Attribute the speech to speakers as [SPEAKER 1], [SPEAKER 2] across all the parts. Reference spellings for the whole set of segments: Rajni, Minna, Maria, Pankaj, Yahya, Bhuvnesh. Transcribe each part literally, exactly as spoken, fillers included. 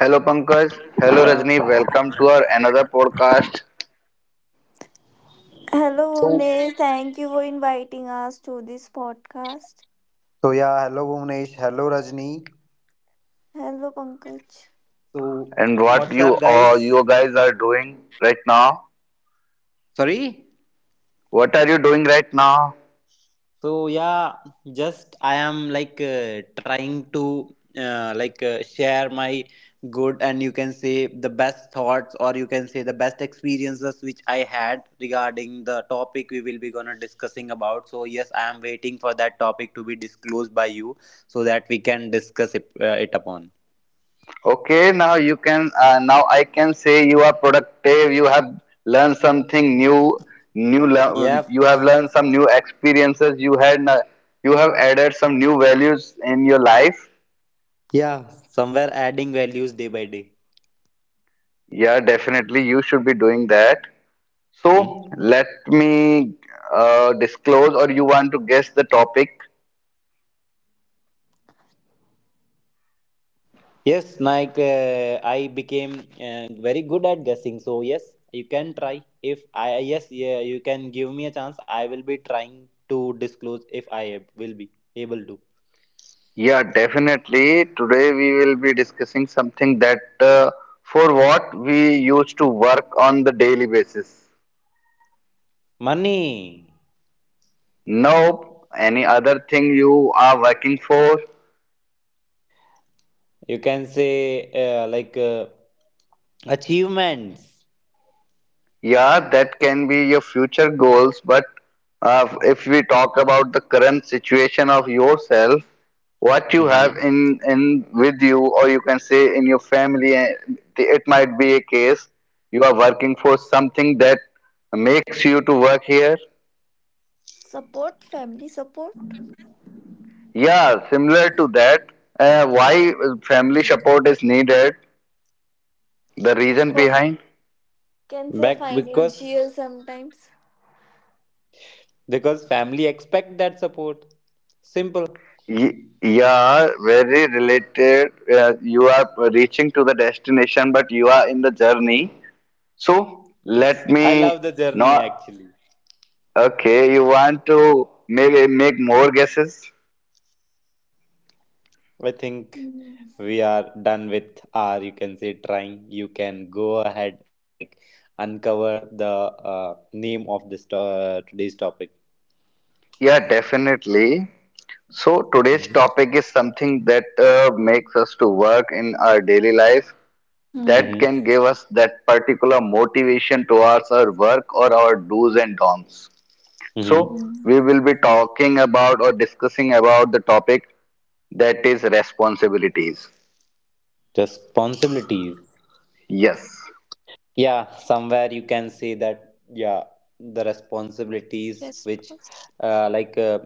[SPEAKER 1] Hello Pankaj, hello Rajni, welcome to our another podcast.
[SPEAKER 2] Hello,
[SPEAKER 3] So,
[SPEAKER 2] Bhuvnesh. Thank you for inviting us to this podcast.
[SPEAKER 3] so yeah, hello Bhuvnesh, hello Rajni.
[SPEAKER 2] Hello, Pankaj.
[SPEAKER 3] So,
[SPEAKER 1] And what
[SPEAKER 3] what's
[SPEAKER 1] you
[SPEAKER 3] up,
[SPEAKER 1] all
[SPEAKER 3] guys?
[SPEAKER 1] you guys are doing right now?
[SPEAKER 3] Sorry.
[SPEAKER 1] What are you doing right now?
[SPEAKER 3] So yeah, just I am like uh, trying to uh, like uh, share my good and you can say the best thoughts or you can say the best experiences which I had regarding the topic we will be gonna discussing about. So yes, I am waiting for that topic to be disclosed by you so that we can discuss it, uh, it upon.
[SPEAKER 1] Okay, now you can uh, now I can say you are productive. You have learned something new, new lear-
[SPEAKER 3] Yep.
[SPEAKER 1] you have learned some new experiences. You had n- you have added some new values in your life.
[SPEAKER 3] Yeah. Somewhere adding values day by day.
[SPEAKER 1] Yeah, definitely you should be doing that.
[SPEAKER 3] Mm-hmm.
[SPEAKER 1] So let me uh, disclose, or you want to guess the topic?
[SPEAKER 3] Yes, like uh, I became uh, very good at guessing. So yes, you can try. If I yes, yeah, you can give me a chance. I will be trying to disclose if I ab- will be able to.
[SPEAKER 1] Yeah, definitely. Today we will be discussing something that uh, for what we used to work on the daily basis.
[SPEAKER 3] Money,
[SPEAKER 1] Nope. Any other thing you are working for?
[SPEAKER 3] you can say uh, like uh, achievements.
[SPEAKER 1] Yeah, that can be your future goals. But uh, if we talk about the current situation of yourself, what you have
[SPEAKER 3] Hmm.
[SPEAKER 1] in in with you, or you can say in your family, eh, it might be a case you are working for something that makes you to work here.
[SPEAKER 2] Support, family support.
[SPEAKER 1] Yeah, similar to that, uh, why family support is needed, the reason
[SPEAKER 2] For
[SPEAKER 1] behind.
[SPEAKER 2] can say
[SPEAKER 3] Back
[SPEAKER 2] financial
[SPEAKER 3] because
[SPEAKER 2] sometimes.
[SPEAKER 3] because family expect that support. Simple.
[SPEAKER 1] y- yeah, very related. Uh, you are reaching to the destination, but you are in the journey. So
[SPEAKER 3] Yes.
[SPEAKER 1] let
[SPEAKER 3] I love
[SPEAKER 1] me
[SPEAKER 3] the journey
[SPEAKER 1] not.
[SPEAKER 3] actually.
[SPEAKER 1] Okay, you want to make make more guesses?
[SPEAKER 3] I think
[SPEAKER 2] Mm.
[SPEAKER 3] we are done with our, you can say, trying. You can go ahead and like uncover the uh, name of this uh, today's topic.
[SPEAKER 1] Yeah, definitely. So today's topic is something that uh, makes us to work in our daily life that
[SPEAKER 2] Mm.
[SPEAKER 3] Mm-hmm.
[SPEAKER 1] can give us that particular motivation towards our work or our do's and don'ts.
[SPEAKER 3] Mm-hmm.
[SPEAKER 1] So,
[SPEAKER 2] Mm.
[SPEAKER 1] we will be talking about or discussing about the topic that is responsibilities.
[SPEAKER 3] Responsibilities.
[SPEAKER 1] Yes,
[SPEAKER 3] Yeah, somewhere you can say that, yeah, the responsibilities which
[SPEAKER 2] Response.
[SPEAKER 3] uh, like uh,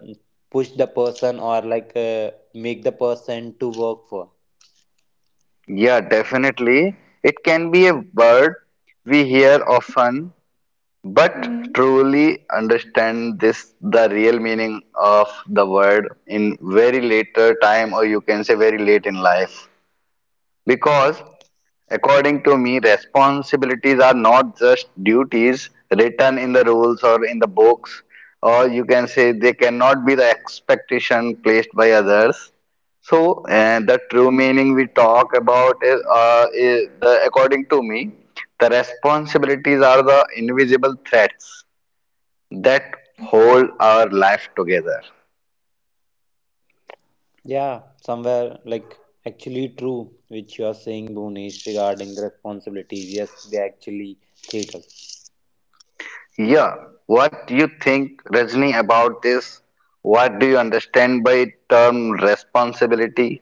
[SPEAKER 3] push the person or like uh, make the person to work for.
[SPEAKER 1] yeah, definitely. It can be a word we hear often, but
[SPEAKER 2] Mm.
[SPEAKER 1] truly understand this the real meaning of the word in very later time, or you can say very late in life. Because, according to me, responsibilities are not just duties written in the rules or in the books, or you can say they cannot be the expectation placed by others. So, and the true
[SPEAKER 2] Mm.
[SPEAKER 1] meaning we talk about is, uh, is the, according to me, the responsibilities are the invisible threads that hold our life together.
[SPEAKER 3] Yeah, somewhere like actually true, which you are saying, Bhunesh, regarding the responsibilities. Yes, they actually treat us.
[SPEAKER 1] Yeah, what do you think, Rajni, about this? What do you understand by term responsibility?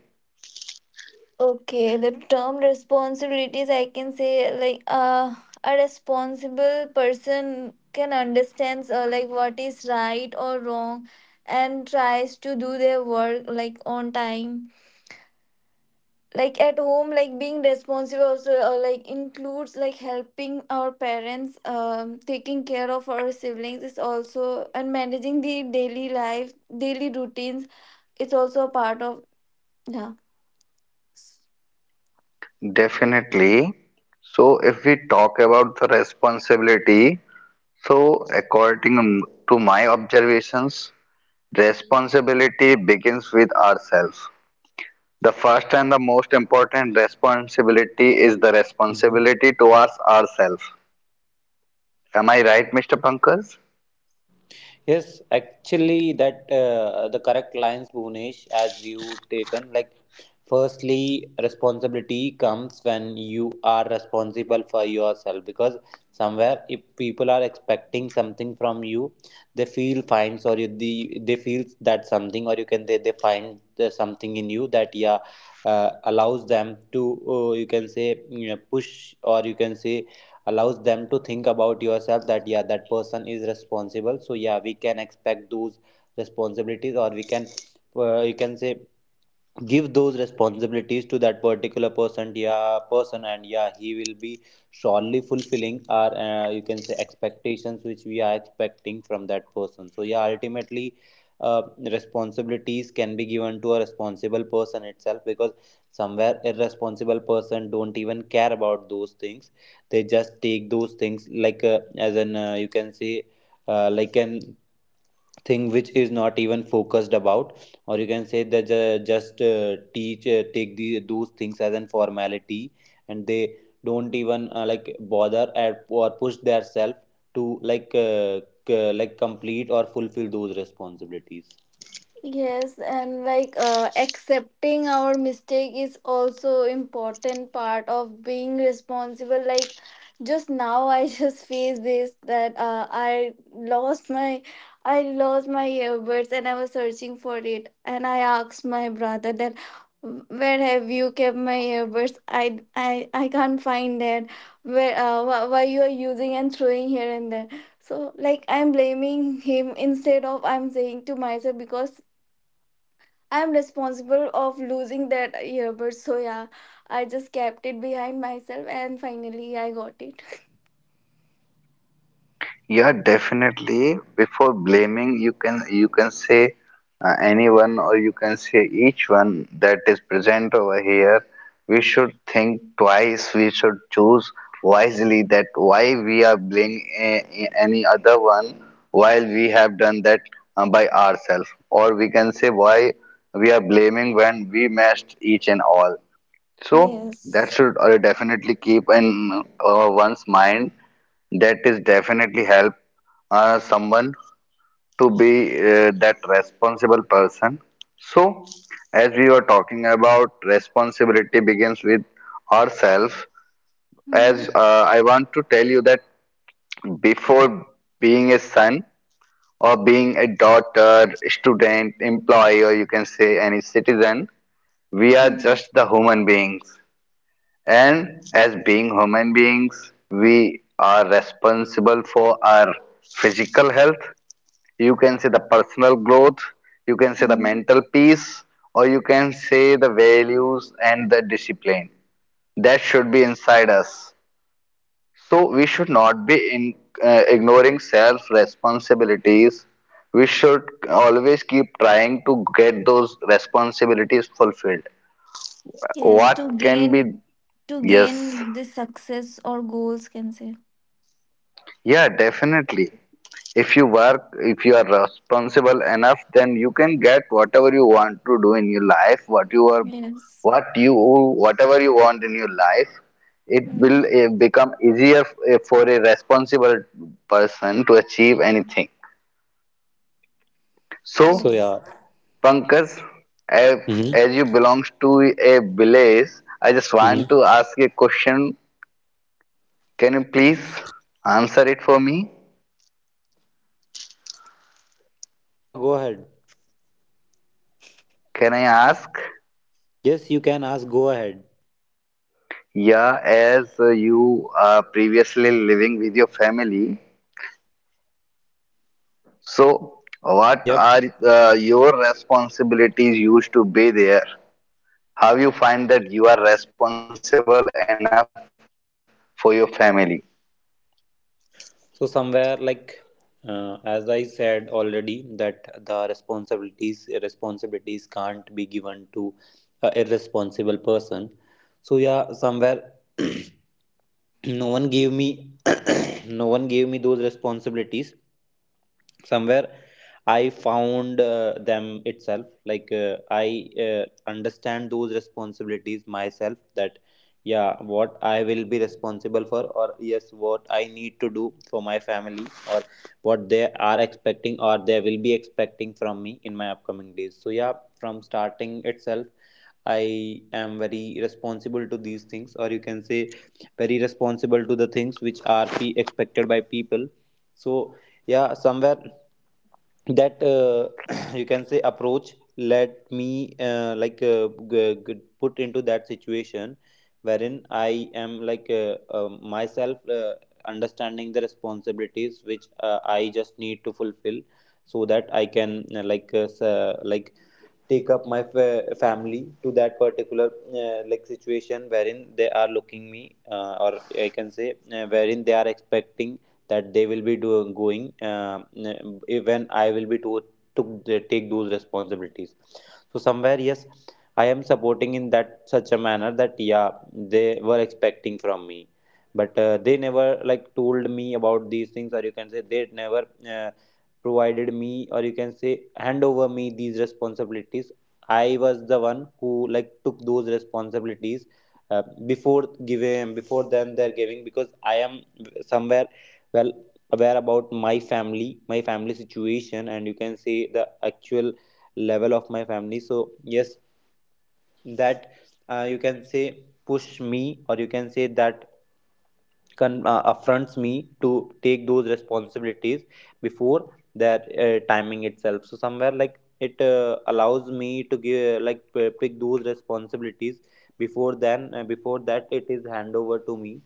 [SPEAKER 2] Okay, the term responsibilities, I can say like uh, a responsible person can understand uh, like what is right or wrong, and tries to do their work like on time, like at home, like being responsible also uh, like includes like helping our parents, um taking care of our siblings is also, and managing the daily life, daily routines. It's also a part of, yeah.
[SPEAKER 1] Definitely. So, if we talk about the responsibility, so according to my observations, responsibility begins with ourselves. The first and the most important responsibility is the responsibility towards ourselves. Am I right, mister Pankaj?
[SPEAKER 3] Yes, actually, that uh, the correct lines, Bhunesh, as you taken. Like, firstly, responsibility comes when you are responsible for yourself because somewhere if people are expecting something from you, they feel fine, or you, the, they feel that something, or you can they they find the something in you that yeah uh, allows them to uh, you can say you know, push or you can say allows them to think about yourself that yeah that person is responsible, so yeah we can expect those responsibilities or we can uh, you can say give those responsibilities to that particular person yeah person and yeah he will be surely fulfilling our uh, you can say expectations which we are expecting from that person. So yeah ultimately uh, responsibilities can be given to a responsible person itself because somewhere irresponsible person don't even care about those things. They just take those things like uh, as an uh, you can say uh, like an thing which is not even focused about, or you can say that ju- just uh, teach uh, take the, those things as an formality, and they don't even uh, like bother at, or push themselves to like uh, c- like complete or fulfill those responsibilities.
[SPEAKER 2] Yes, and like uh, accepting our mistake is also important part of being responsible. Like just now, I just faced this that uh, I lost my I lost my earbuds, and I was searching for it, and I asked my brother that, where have you kept my earbuds? I I I can't find it. Where uh, wh- why you are using and throwing here and there. So like I'm blaming him instead of I'm saying to myself, because I'm responsible of losing that earbud. So yeah, I just kept it behind myself, and finally I got it.
[SPEAKER 1] Yeah, definitely. Before blaming, you can you can say uh, anyone or you can say each one that is present over here. We should think twice. We should choose wisely that why we are blaming a- a- any other one while we have done that uh, by ourselves, or we can say why we are blaming when we messed each and all. So that
[SPEAKER 2] Yes.
[SPEAKER 1] should uh, definitely keep in uh, one's mind that is definitely help uh, someone to be uh, that responsible person. So, as we were talking about responsibility begins with ourselves. As
[SPEAKER 2] Mm,
[SPEAKER 1] uh, I want to tell you that before being a son or being a daughter, student, employee, or you can say any citizen, we are
[SPEAKER 2] mm,
[SPEAKER 1] just the human beings. And as being human beings, we are responsible for our physical health, you can say the personal growth, you can say the
[SPEAKER 2] mm.
[SPEAKER 1] mental peace, or you can say the values and the discipline that should be inside us. So we should not be in, uh, ignoring self responsibilities. We should always keep trying to get those responsibilities fulfilled.
[SPEAKER 2] Yes, to
[SPEAKER 1] What can be
[SPEAKER 2] gain, to
[SPEAKER 1] yes,
[SPEAKER 2] gain the success or goals, can say.
[SPEAKER 1] yeah, definitely. If you work, if you are responsible enough, then you can get whatever you want to do in your life, what you are,
[SPEAKER 2] Yes.
[SPEAKER 1] what you, whatever you want in your life. It will
[SPEAKER 2] Mm.
[SPEAKER 1] eh, become easier eh, for a responsible person to achieve anything.
[SPEAKER 3] So
[SPEAKER 1] So,
[SPEAKER 2] Yes.
[SPEAKER 3] yeah.
[SPEAKER 1] Pankaj, as,
[SPEAKER 3] Mm-hmm.
[SPEAKER 1] as you belong to a village, I just want
[SPEAKER 3] Mm-hmm.
[SPEAKER 1] to ask a question. Can you
[SPEAKER 3] Sure.
[SPEAKER 1] please answer it for me?
[SPEAKER 3] Yeah, go ahead.
[SPEAKER 1] Can I ask?
[SPEAKER 3] Yes, you can ask. Go ahead.
[SPEAKER 1] Yeah, as uh, you are previously living with your family, so what
[SPEAKER 3] Yep.
[SPEAKER 1] are uh, your responsibilities used to be there? How you find that you are responsible enough for your family?
[SPEAKER 3] So somewhere like uh, as I said already that the responsibilities responsibilities can't be given to a irresponsible person. So yeah, somewhere no one gave me no one gave me those responsibilities. Somewhere I found uh, them itself like uh, I uh, understand those responsibilities myself, that yeah what I will be responsible for, or yes what I need to do for my family, or what they are expecting or they will be expecting from me in my upcoming days. So yeah, from starting itself I am very responsible to these things, or you can say very responsible to the things which are be expected by people. So yeah somewhere that uh, you can say approach let me uh, like uh, g- g- put into that situation wherein I am like uh, uh, myself uh, understanding the responsibilities which uh, I just need to fulfill so that I can uh, like uh, s- uh, like take up my fa- family to that particular uh, like situation wherein they are looking me uh, or I can say uh, wherein they are expecting that they will be do- going uh, when I will be to, to uh, take those responsibilities. So somewhere yes I am supporting in that such a manner that yeah they were expecting from me, but uh, they never like told me about these things, or you can say they never uh, provided me or you can say hand over me these responsibilities. I was the one who like took those responsibilities uh, before giving before them they're giving, because I am somewhere well aware about my family, my family situation and you can say the actual level of my family. So yes, that uh, you can say push me, or you can say that con- uh, affronts me to take those responsibilities before that uh, timing itself. So somewhere like it uh, allows me to give like p- pick those responsibilities before then uh, before that it is hand over to me.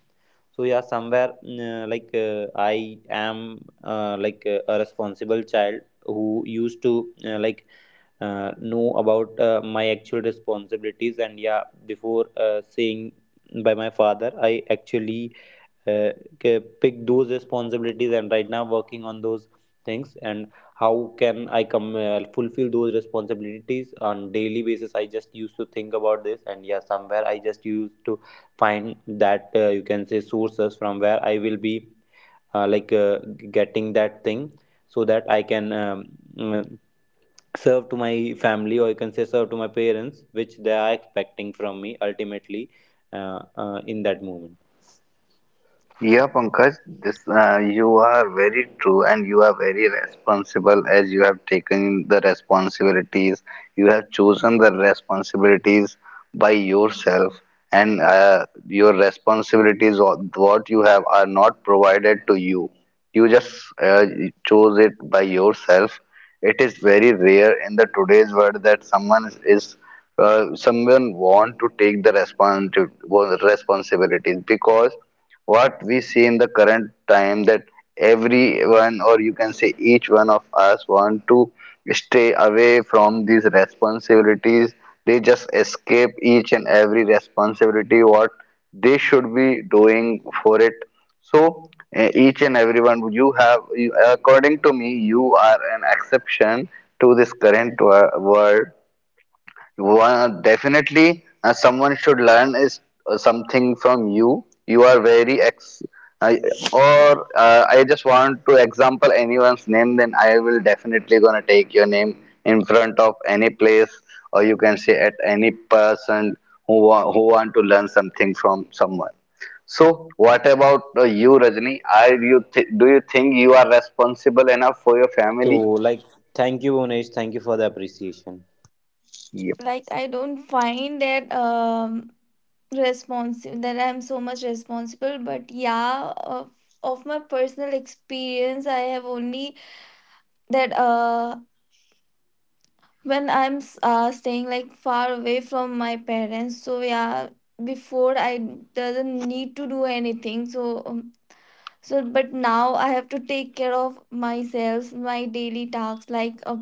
[SPEAKER 3] So yeah somewhere mm, uh, like uh, I am uh, like uh, a responsible child who used to uh, like uh, know about uh, my actual responsibilities, and yeah before uh, saying by my father I actually uh, uh, pick those responsibilities and right now working on those things. And how can I come uh, fulfill those responsibilities on daily basis, I just used to think about this. And yeah, somewhere I just used to find that uh, you can say sources from where I will be uh, like uh, getting that thing, so that I can um, mm, serve to my family or you can say serve to my parents which they are expecting from me ultimately uh, uh, in that moment.
[SPEAKER 1] Yeah, Pankaj, this uh, you are very true, and you are very responsible as you have taken the responsibilities. You have chosen the responsibilities by yourself, and uh, your responsibilities, or what you have, are not provided to you. You just uh, chose it by yourself. It is very rare in the today's world that someone is uh, someone want to take the respons- responsibilities, because what we see in the current time that everyone or you can say each one of us want to stay away from these responsibilities. They just escape each and every responsibility what they should be doing for it. So eh, each and everyone you have you- according to me you are an exception to this current wo- world. One, definitely, uh, someone should learn is uh, something from you. You are very ex, I or uh, I just want to example anyone's name. Then I will definitely gonna take your name in front of any place, or you can say at any person who wa who want to learn something from someone. So, what about uh, you, Rajni? Are you th do you think you are responsible enough for your
[SPEAKER 3] So,
[SPEAKER 1] family?
[SPEAKER 3] like, thank you, Unesh. Thank you for the appreciation.
[SPEAKER 1] Yep.
[SPEAKER 2] Like I don't find that um responsive that I'm so much responsible, but yeah, of of my personal experience, I have only that uh when I'm s- uh, staying like far away from my parents. So yeah, before I doesn't need to do anything. So um, so, but now I have to take care of myself, my daily tasks, like uh,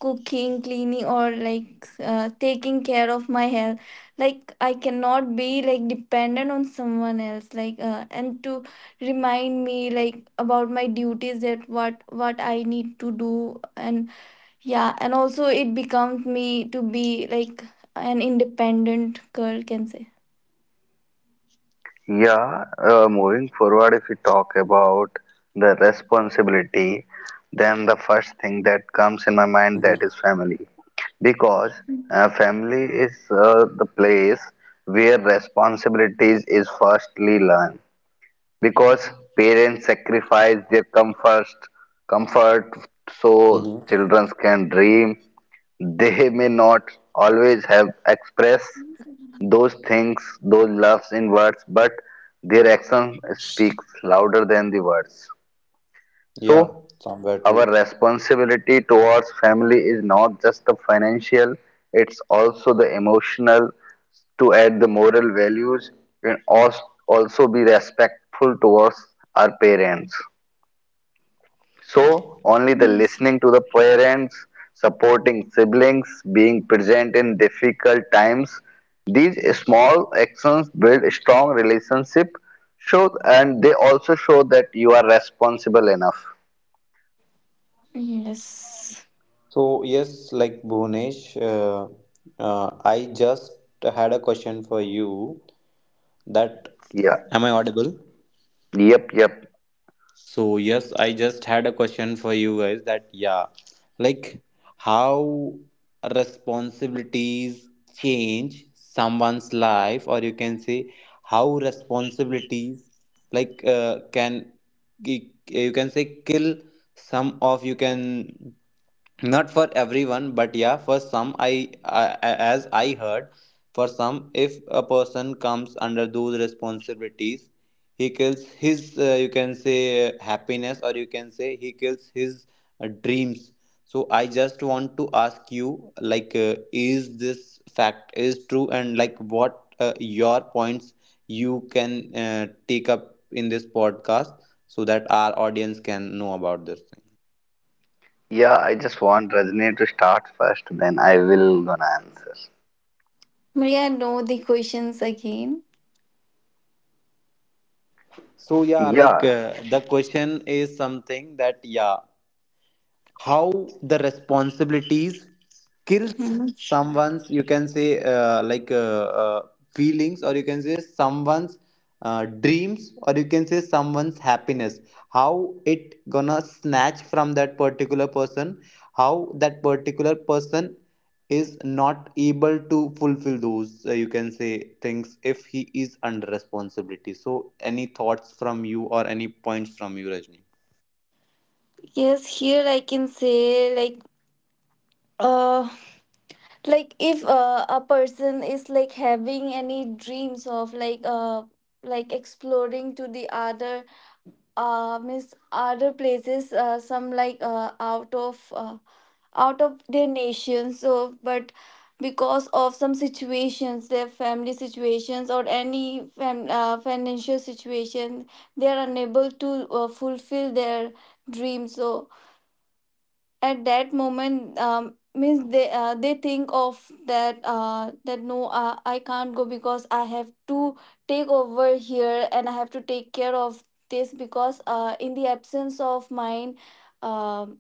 [SPEAKER 2] cooking, cleaning, or like uh, taking care of my health. Like I cannot be like dependent on someone else. Like uh, and to remind me like about my duties, that what what I need to do. And yeah, and also it becomes me to be like an independent girl, can say.
[SPEAKER 1] Yeah, uh, moving forward, if we talk about the responsibility, then the first thing that comes in my mind that
[SPEAKER 3] Mm-hmm.
[SPEAKER 1] is family, because uh, family is uh, the place where responsibilities is firstly learned. Because parents sacrifice their comfort, comfort so
[SPEAKER 3] Mm-hmm.
[SPEAKER 1] children can dream, they may not always have expressed those things, those loves in words, but their action speaks louder than the words.
[SPEAKER 3] Yeah,
[SPEAKER 1] So,
[SPEAKER 3] somewhere
[SPEAKER 1] our
[SPEAKER 3] true.
[SPEAKER 1] responsibility towards family is not just the financial, it's also the emotional, to add the moral values, and als- also be respectful towards our parents. So, only the
[SPEAKER 2] Yes.
[SPEAKER 1] listening to the parents, supporting siblings, being present in difficult times, these small actions build strong relationship show and they also show that you are responsible enough.
[SPEAKER 2] Yes.
[SPEAKER 3] So, yes, like Bhunesh, uh, uh, I just had a question for you that
[SPEAKER 1] Yeah.
[SPEAKER 3] am I audible?
[SPEAKER 1] Yep, yep.
[SPEAKER 3] So yes, I just had a question for you guys that yeah, like how responsibilities change someone's life, or you can say how responsibilities like uh, can ki- you can say kill some of you can not for everyone but yeah for some I uh, as I heard for some if a person comes under those responsibilities he kills his uh, you can say uh, happiness, or you can say he kills his uh, dreams. So I just want to ask you like uh, is this fact is true, and like what uh, your points you can uh, take up in this podcast, so that our audience can know about this thing.
[SPEAKER 1] Yeah, I just want Rajni to start first, then I will gonna answer.
[SPEAKER 2] Maria, know the questions again.
[SPEAKER 3] So yeah, like
[SPEAKER 1] Yeah.
[SPEAKER 3] uh, the question is something that yeah how the responsibilities kills
[SPEAKER 2] Hmm.
[SPEAKER 3] someone's you can say uh, like uh, uh, feelings, or you can say someone's uh, dreams, or you can say someone's happiness, how it gonna snatch from that particular person, how that particular person is not able to fulfill those uh, you can say things if he is under responsibility. So any thoughts from you or any points from you, Rajni?
[SPEAKER 2] Yes, here I can say like uh like if uh, a person is like having any dreams of like uh like exploring to the other uh means other places, uh, some like uh, out of uh, out of their nation. So but because of some situations, their family situations or any fam- uh, financial situation, they are unable to uh, fulfill their dreams. So at that moment, um, means they uh, they think of that, uh, that no, uh, I can't go because I have to take over here, and I have to take care of this, because uh, in the absence of mine, um,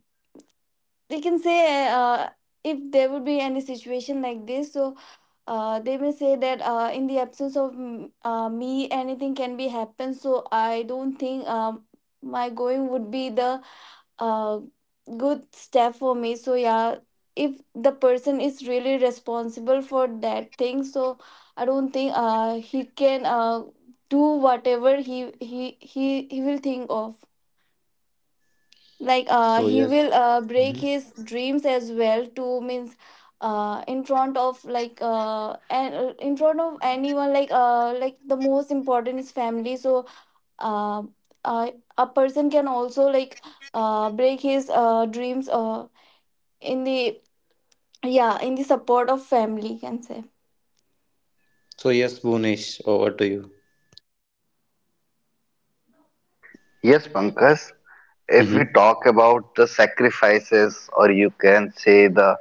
[SPEAKER 2] they can say, uh, if there would be any situation like this, so uh, they may say that, uh, in the absence of mm, uh, me, anything can be happen. So I don't think um, my going would be the a good step for me. So yeah, if the person is really responsible for that thing, so I don't think uh he can uh do whatever he he he, he will think of. Like uh
[SPEAKER 3] So
[SPEAKER 2] he
[SPEAKER 3] yes.
[SPEAKER 2] will uh break his dreams as well, to means uh in front of, like uh and in front of anyone, like uh like the most important is family. So uh, uh a person can also like uh break his uh dreams uh in the, yeah, in the support of family, can say.
[SPEAKER 3] So yes, Bhunesh, over to you.
[SPEAKER 1] Yes, Pankaj, if we
[SPEAKER 3] Mm-hmm.
[SPEAKER 1] talk about the sacrifices or you can say the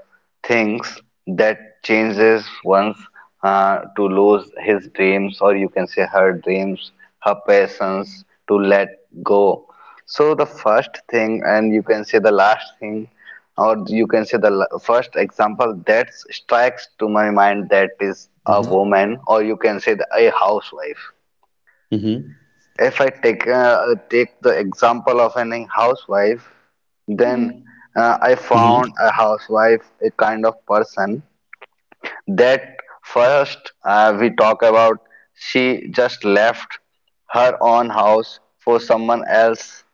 [SPEAKER 1] things that changes once uh, to lose his dreams or you can say her dreams, her passions to let go. So the first thing and you can say the last thing or you can say the la- first example that strikes to my mind that is a
[SPEAKER 3] Mm-hmm.
[SPEAKER 1] woman or you can say the, a housewife.
[SPEAKER 3] Mm-hmm.
[SPEAKER 1] If I take uh, take the example of any housewife, then
[SPEAKER 2] Mm.
[SPEAKER 1] uh, I
[SPEAKER 3] Mm-hmm.
[SPEAKER 1] found a housewife a kind of person that first uh, we talk about, she just left her own house for someone else,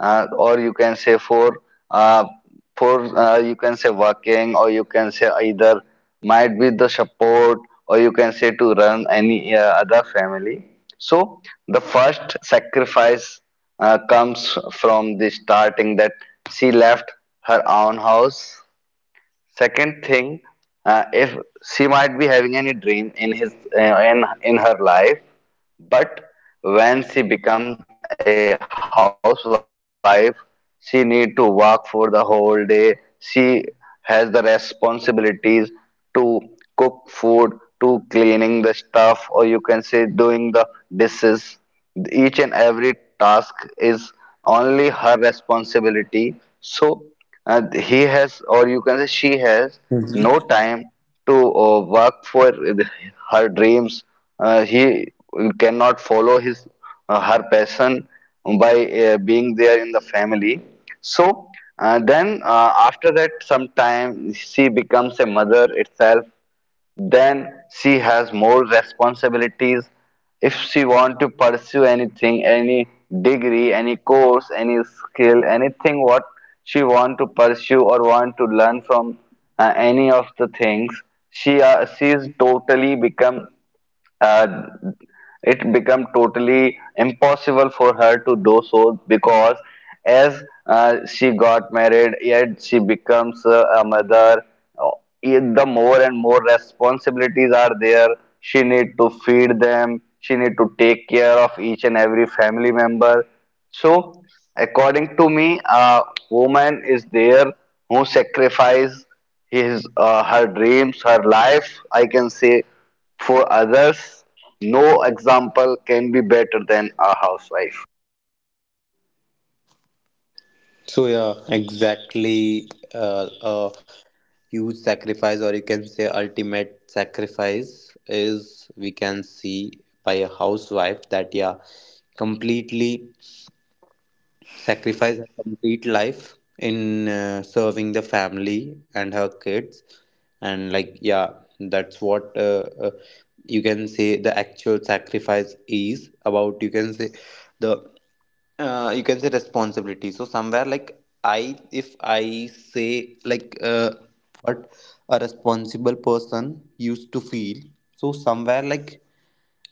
[SPEAKER 1] uh, or you can say for uh, for uh, you can say working or you can say either might be the support or you can say to run any uh, other family. So the first sacrifice uh, comes from the starting that she left her own house. Second thing, uh, if she might be having any dream in his uh, in in her life, but when she becomes a housewife, she need to work for the whole day. She has the responsibilities to cook food, to cleaning the stuff, or you can say doing the dishes. Each and every task is only her responsibility. So uh, he has, or you can say she has no
[SPEAKER 3] Mm-hmm.
[SPEAKER 1] time to uh, work for her dreams. Uh, he cannot follow his uh, her passion by uh, being there in the family. So uh, then, uh, after that, some time she becomes a mother itself, then she has more responsibilities. If she want to pursue anything, any degree, any course, any skill, anything what she want to pursue or want to learn from uh, any of the things, she uh, she is totally become uh, it became totally impossible for her to do so, because as uh, she got married yet she becomes uh, a mother, uh, the more and more responsibilities are there. She need to feed them, she need to take care of each and every family member. So according to me a woman is there who sacrifice his uh, her dreams, her life I can say, for others. No example can be better than a housewife.
[SPEAKER 3] So yeah, exactly. Uh, a huge sacrifice, or you can say ultimate sacrifice, is we can see by a housewife that yeah, completely sacrifice her complete life in uh, serving the family and her kids, and like yeah that's what uh, uh, you can say the actual sacrifice is about, you can say the uh, you can say responsibility. So somewhere like I if I say like uh, what a responsible person used to feel, so somewhere like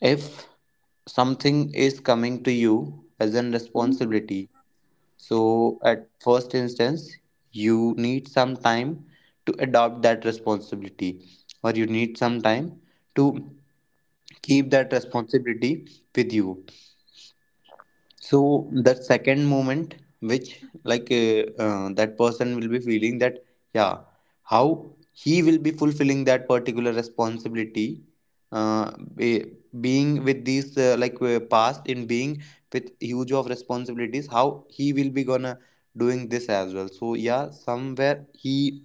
[SPEAKER 3] if something is coming to you as a responsibility, so at first instance, you need some time to adopt that responsibility, or you need some time to keep that responsibility with you, so that second moment which like uh, uh, that person will be feeling that yeah how he will be fulfilling that particular responsibility, uh, be, being with these uh, like uh, past in being with huge of responsibilities, how he will be gonna doing this as well. So yeah somewhere he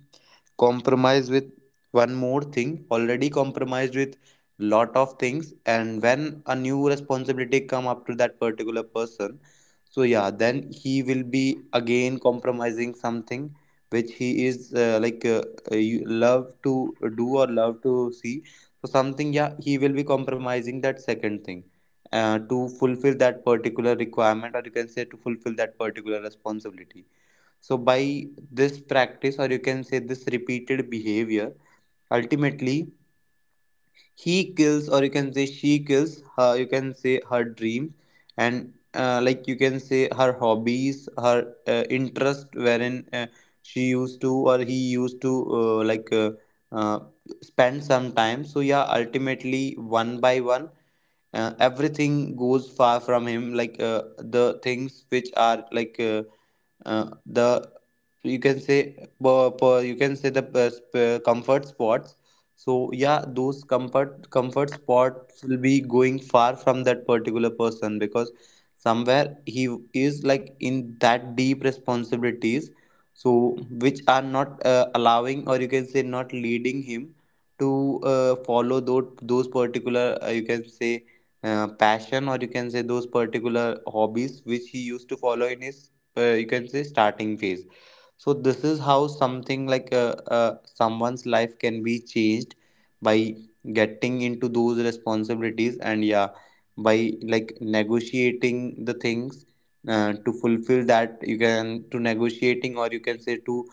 [SPEAKER 3] compromise with one more thing, already compromised with lot of things, and when a new responsibility come up to that particular person, so yeah then he will be again compromising something which he is uh, like uh, uh, you love to do or love to see. So something yeah, he will be compromising that second thing uh, to fulfill that particular requirement, or you can say to fulfill that particular responsibility. So, by this practice, or you can say this repeated behavior, ultimately he kills, or you can say she kills her, you can say her dreams, and uh, like you can say her hobbies, her uh, interest, wherein uh, she used to or he used to uh, like uh, uh, spend some time. So, yeah, ultimately, one by one. Uh, everything goes far from him like uh, the things which are like uh, uh, the you can say po- po- you can say the uh, sp- uh, comfort spots. So yeah those comfort comfort spots will be going far from that particular person, because somewhere he is like in that deep responsibilities, so which are not uh, allowing or you can say not leading him to uh, follow those those particular uh, you can say uh, passion, or you can say those particular hobbies which he used to follow in his uh, you can say starting phase. So this is how something like uh, uh, someone's life can be changed by getting into those responsibilities, and yeah by like negotiating the things uh, to fulfill that, you can to negotiating, or you can say to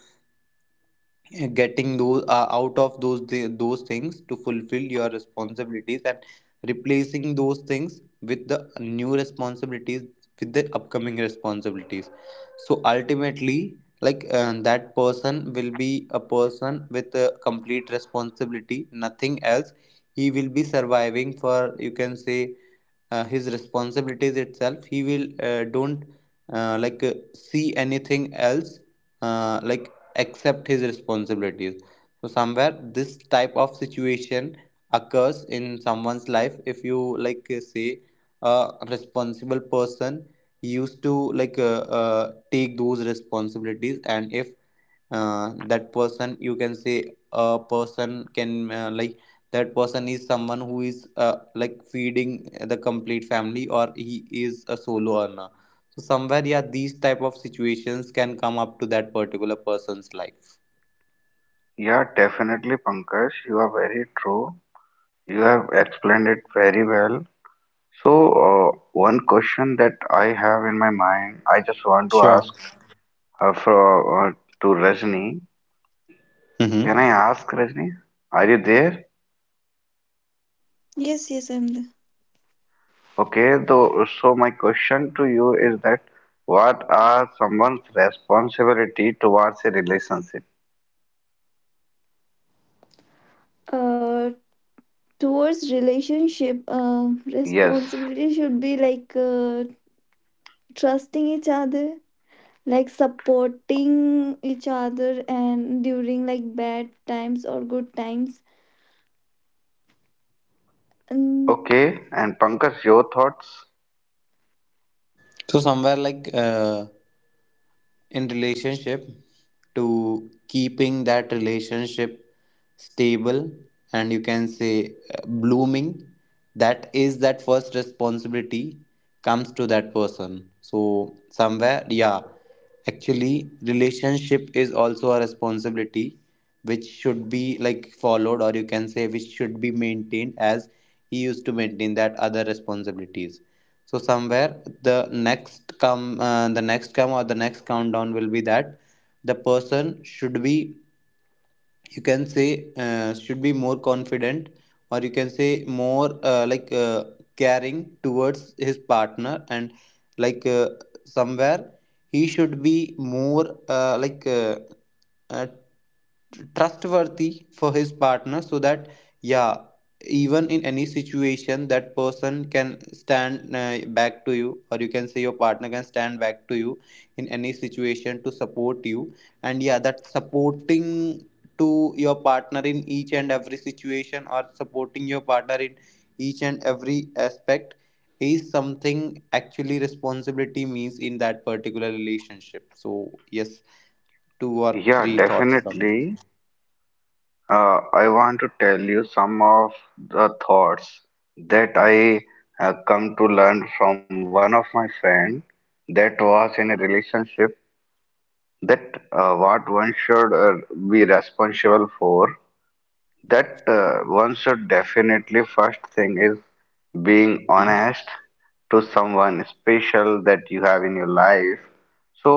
[SPEAKER 3] getting those uh, out of those thi- those things, to fulfill your responsibilities and replacing those things with the new responsibilities, with the upcoming responsibilities. So ultimately like uh, that person will be a person with a complete responsibility, nothing else. He will be surviving for, you can say uh, his responsibilities itself. He will uh, don't uh, like uh, see anything else uh, like accept his responsibilities. So somewhere this type of situation occurs in someone's life, if you like uh, say a responsible person used to like uh, uh, take those responsibilities. And if uh, that person, you can say a person can uh, like that person is someone who is uh, like feeding the complete family, or he is a solo earner. So somewhere yeah, these type of situations can come up to that particular person's life.
[SPEAKER 1] Yeah, definitely, Pankaj. You are very true. You have explained it very well. So, uh, one question that I have in my mind, I just want to
[SPEAKER 3] Sure.
[SPEAKER 1] ask uh, for uh, to Rajni.
[SPEAKER 3] Mm-hmm.
[SPEAKER 1] Can I ask Rajni? Are you there?
[SPEAKER 2] Yes, yes, I'm there.
[SPEAKER 1] Okay. Though, so my question to you is that what are someone's responsibility towards a relationship?
[SPEAKER 2] uh, Towards relationship, uh,
[SPEAKER 1] Yes.
[SPEAKER 2] responsibility should be like uh, trusting each other, like supporting each other and during like bad times or good times. And
[SPEAKER 1] Okay, and Pankaj, your thoughts?
[SPEAKER 3] So somewhere like uh, in relationship to keeping that relationship stable and you can say uh, blooming, that is that first responsibility comes to that person. So somewhere yeah, actually relationship is also a responsibility which should be like followed, or you can say which should be maintained as he used to maintain that other responsibilities. So somewhere the next come uh, the next come or the next countdown will be that the person should be you can say uh, should be more confident, or you can say more uh, like uh, caring towards his partner, and like uh, somewhere he should be more uh, like uh, uh, tr- trustworthy for his partner, so that yeah even in any situation that person can stand uh, back to you, or you can say your partner can stand back to you in any situation to support you. And yeah, that supporting to your partner in each and every situation, or supporting your partner in each and every aspect, is something actually responsibility means in that particular relationship. So yes, two or
[SPEAKER 1] Yeah,
[SPEAKER 3] three thoughts from.
[SPEAKER 1] definitely. Uh, I want to tell you some of the thoughts that I uh, come to learn from one of my friend that was in a relationship, that uh, what one should uh, be responsible for. That uh, one should definitely first thing is being
[SPEAKER 3] Mm-hmm.
[SPEAKER 1] honest to someone special that you have in your life. So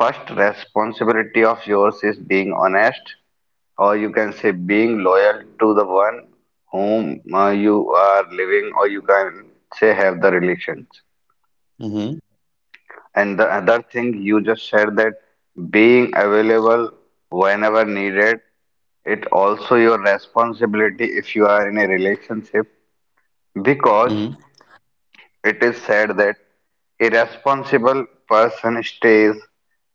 [SPEAKER 1] first responsibility of yours is being honest or you can say being loyal to the one whom uh, you are living or you can say have the relations.
[SPEAKER 3] Mm-hmm.
[SPEAKER 1] And the other thing you just said, that being available whenever needed, it also your responsibility if you are in a relationship, because
[SPEAKER 3] Mm-hmm.
[SPEAKER 1] it is said that a responsible person stays,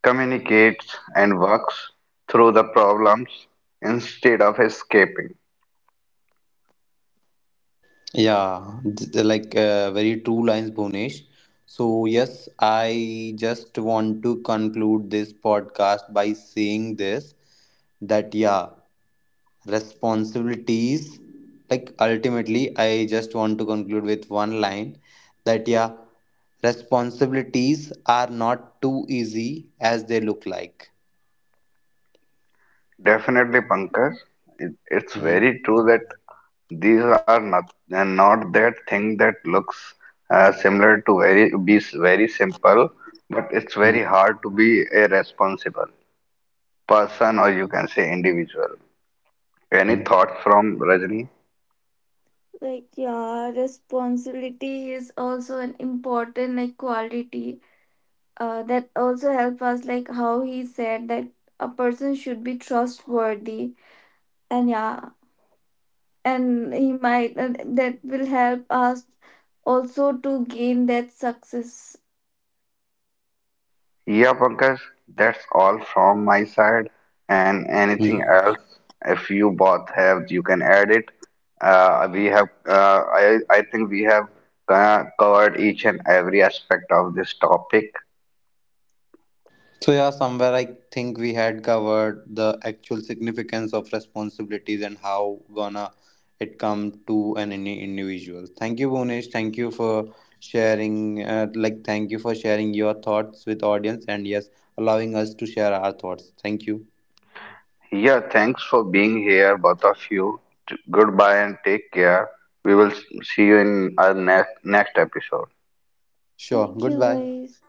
[SPEAKER 1] communicates, and works through the problems instead of escaping.
[SPEAKER 3] Yeah, th- like uh, very true lines, Bhunesh. So, yes, I just want to conclude this podcast by saying this that, yeah, responsibilities, like ultimately, I just want to conclude with one line that, yeah, responsibilities are not too easy as they look like.
[SPEAKER 1] Definitely, Pankaj, it, it's
[SPEAKER 3] Mm-hmm.
[SPEAKER 1] very true that these are not and not that thing that looks uh, similar to very be s- very simple, but it's very
[SPEAKER 3] Mm-hmm.
[SPEAKER 1] hard to be a responsible person or you can say individual. Any
[SPEAKER 3] Mm-hmm.
[SPEAKER 1] thoughts from Rajni?
[SPEAKER 2] like yeah, responsibility is also an important like quality uh, that also help us, like how he said that a person should be trustworthy, and yeah, and he might, and that will help us also to gain that success.
[SPEAKER 1] Yeah, Pankaj, that's all from my side. And anything
[SPEAKER 3] Mm-hmm.
[SPEAKER 1] else, if you both have, you can add it. Uh, we have, uh, I, I think we have uh, covered each and every aspect of this topic.
[SPEAKER 3] So, yeah, somewhere I think we had covered the actual significance of responsibilities and how gonna it come to an ini- individual. Thank you, Bhunesh. Thank you for sharing. Uh, like, thank you for sharing your thoughts with audience, and yes, allowing us to share our thoughts. Thank you.
[SPEAKER 1] Yeah, thanks for being here, both of you. T- goodbye and take care. We will s- see you in our next next episode.
[SPEAKER 3] Sure.
[SPEAKER 2] Thank you,
[SPEAKER 3] Goodbye.
[SPEAKER 2] guys.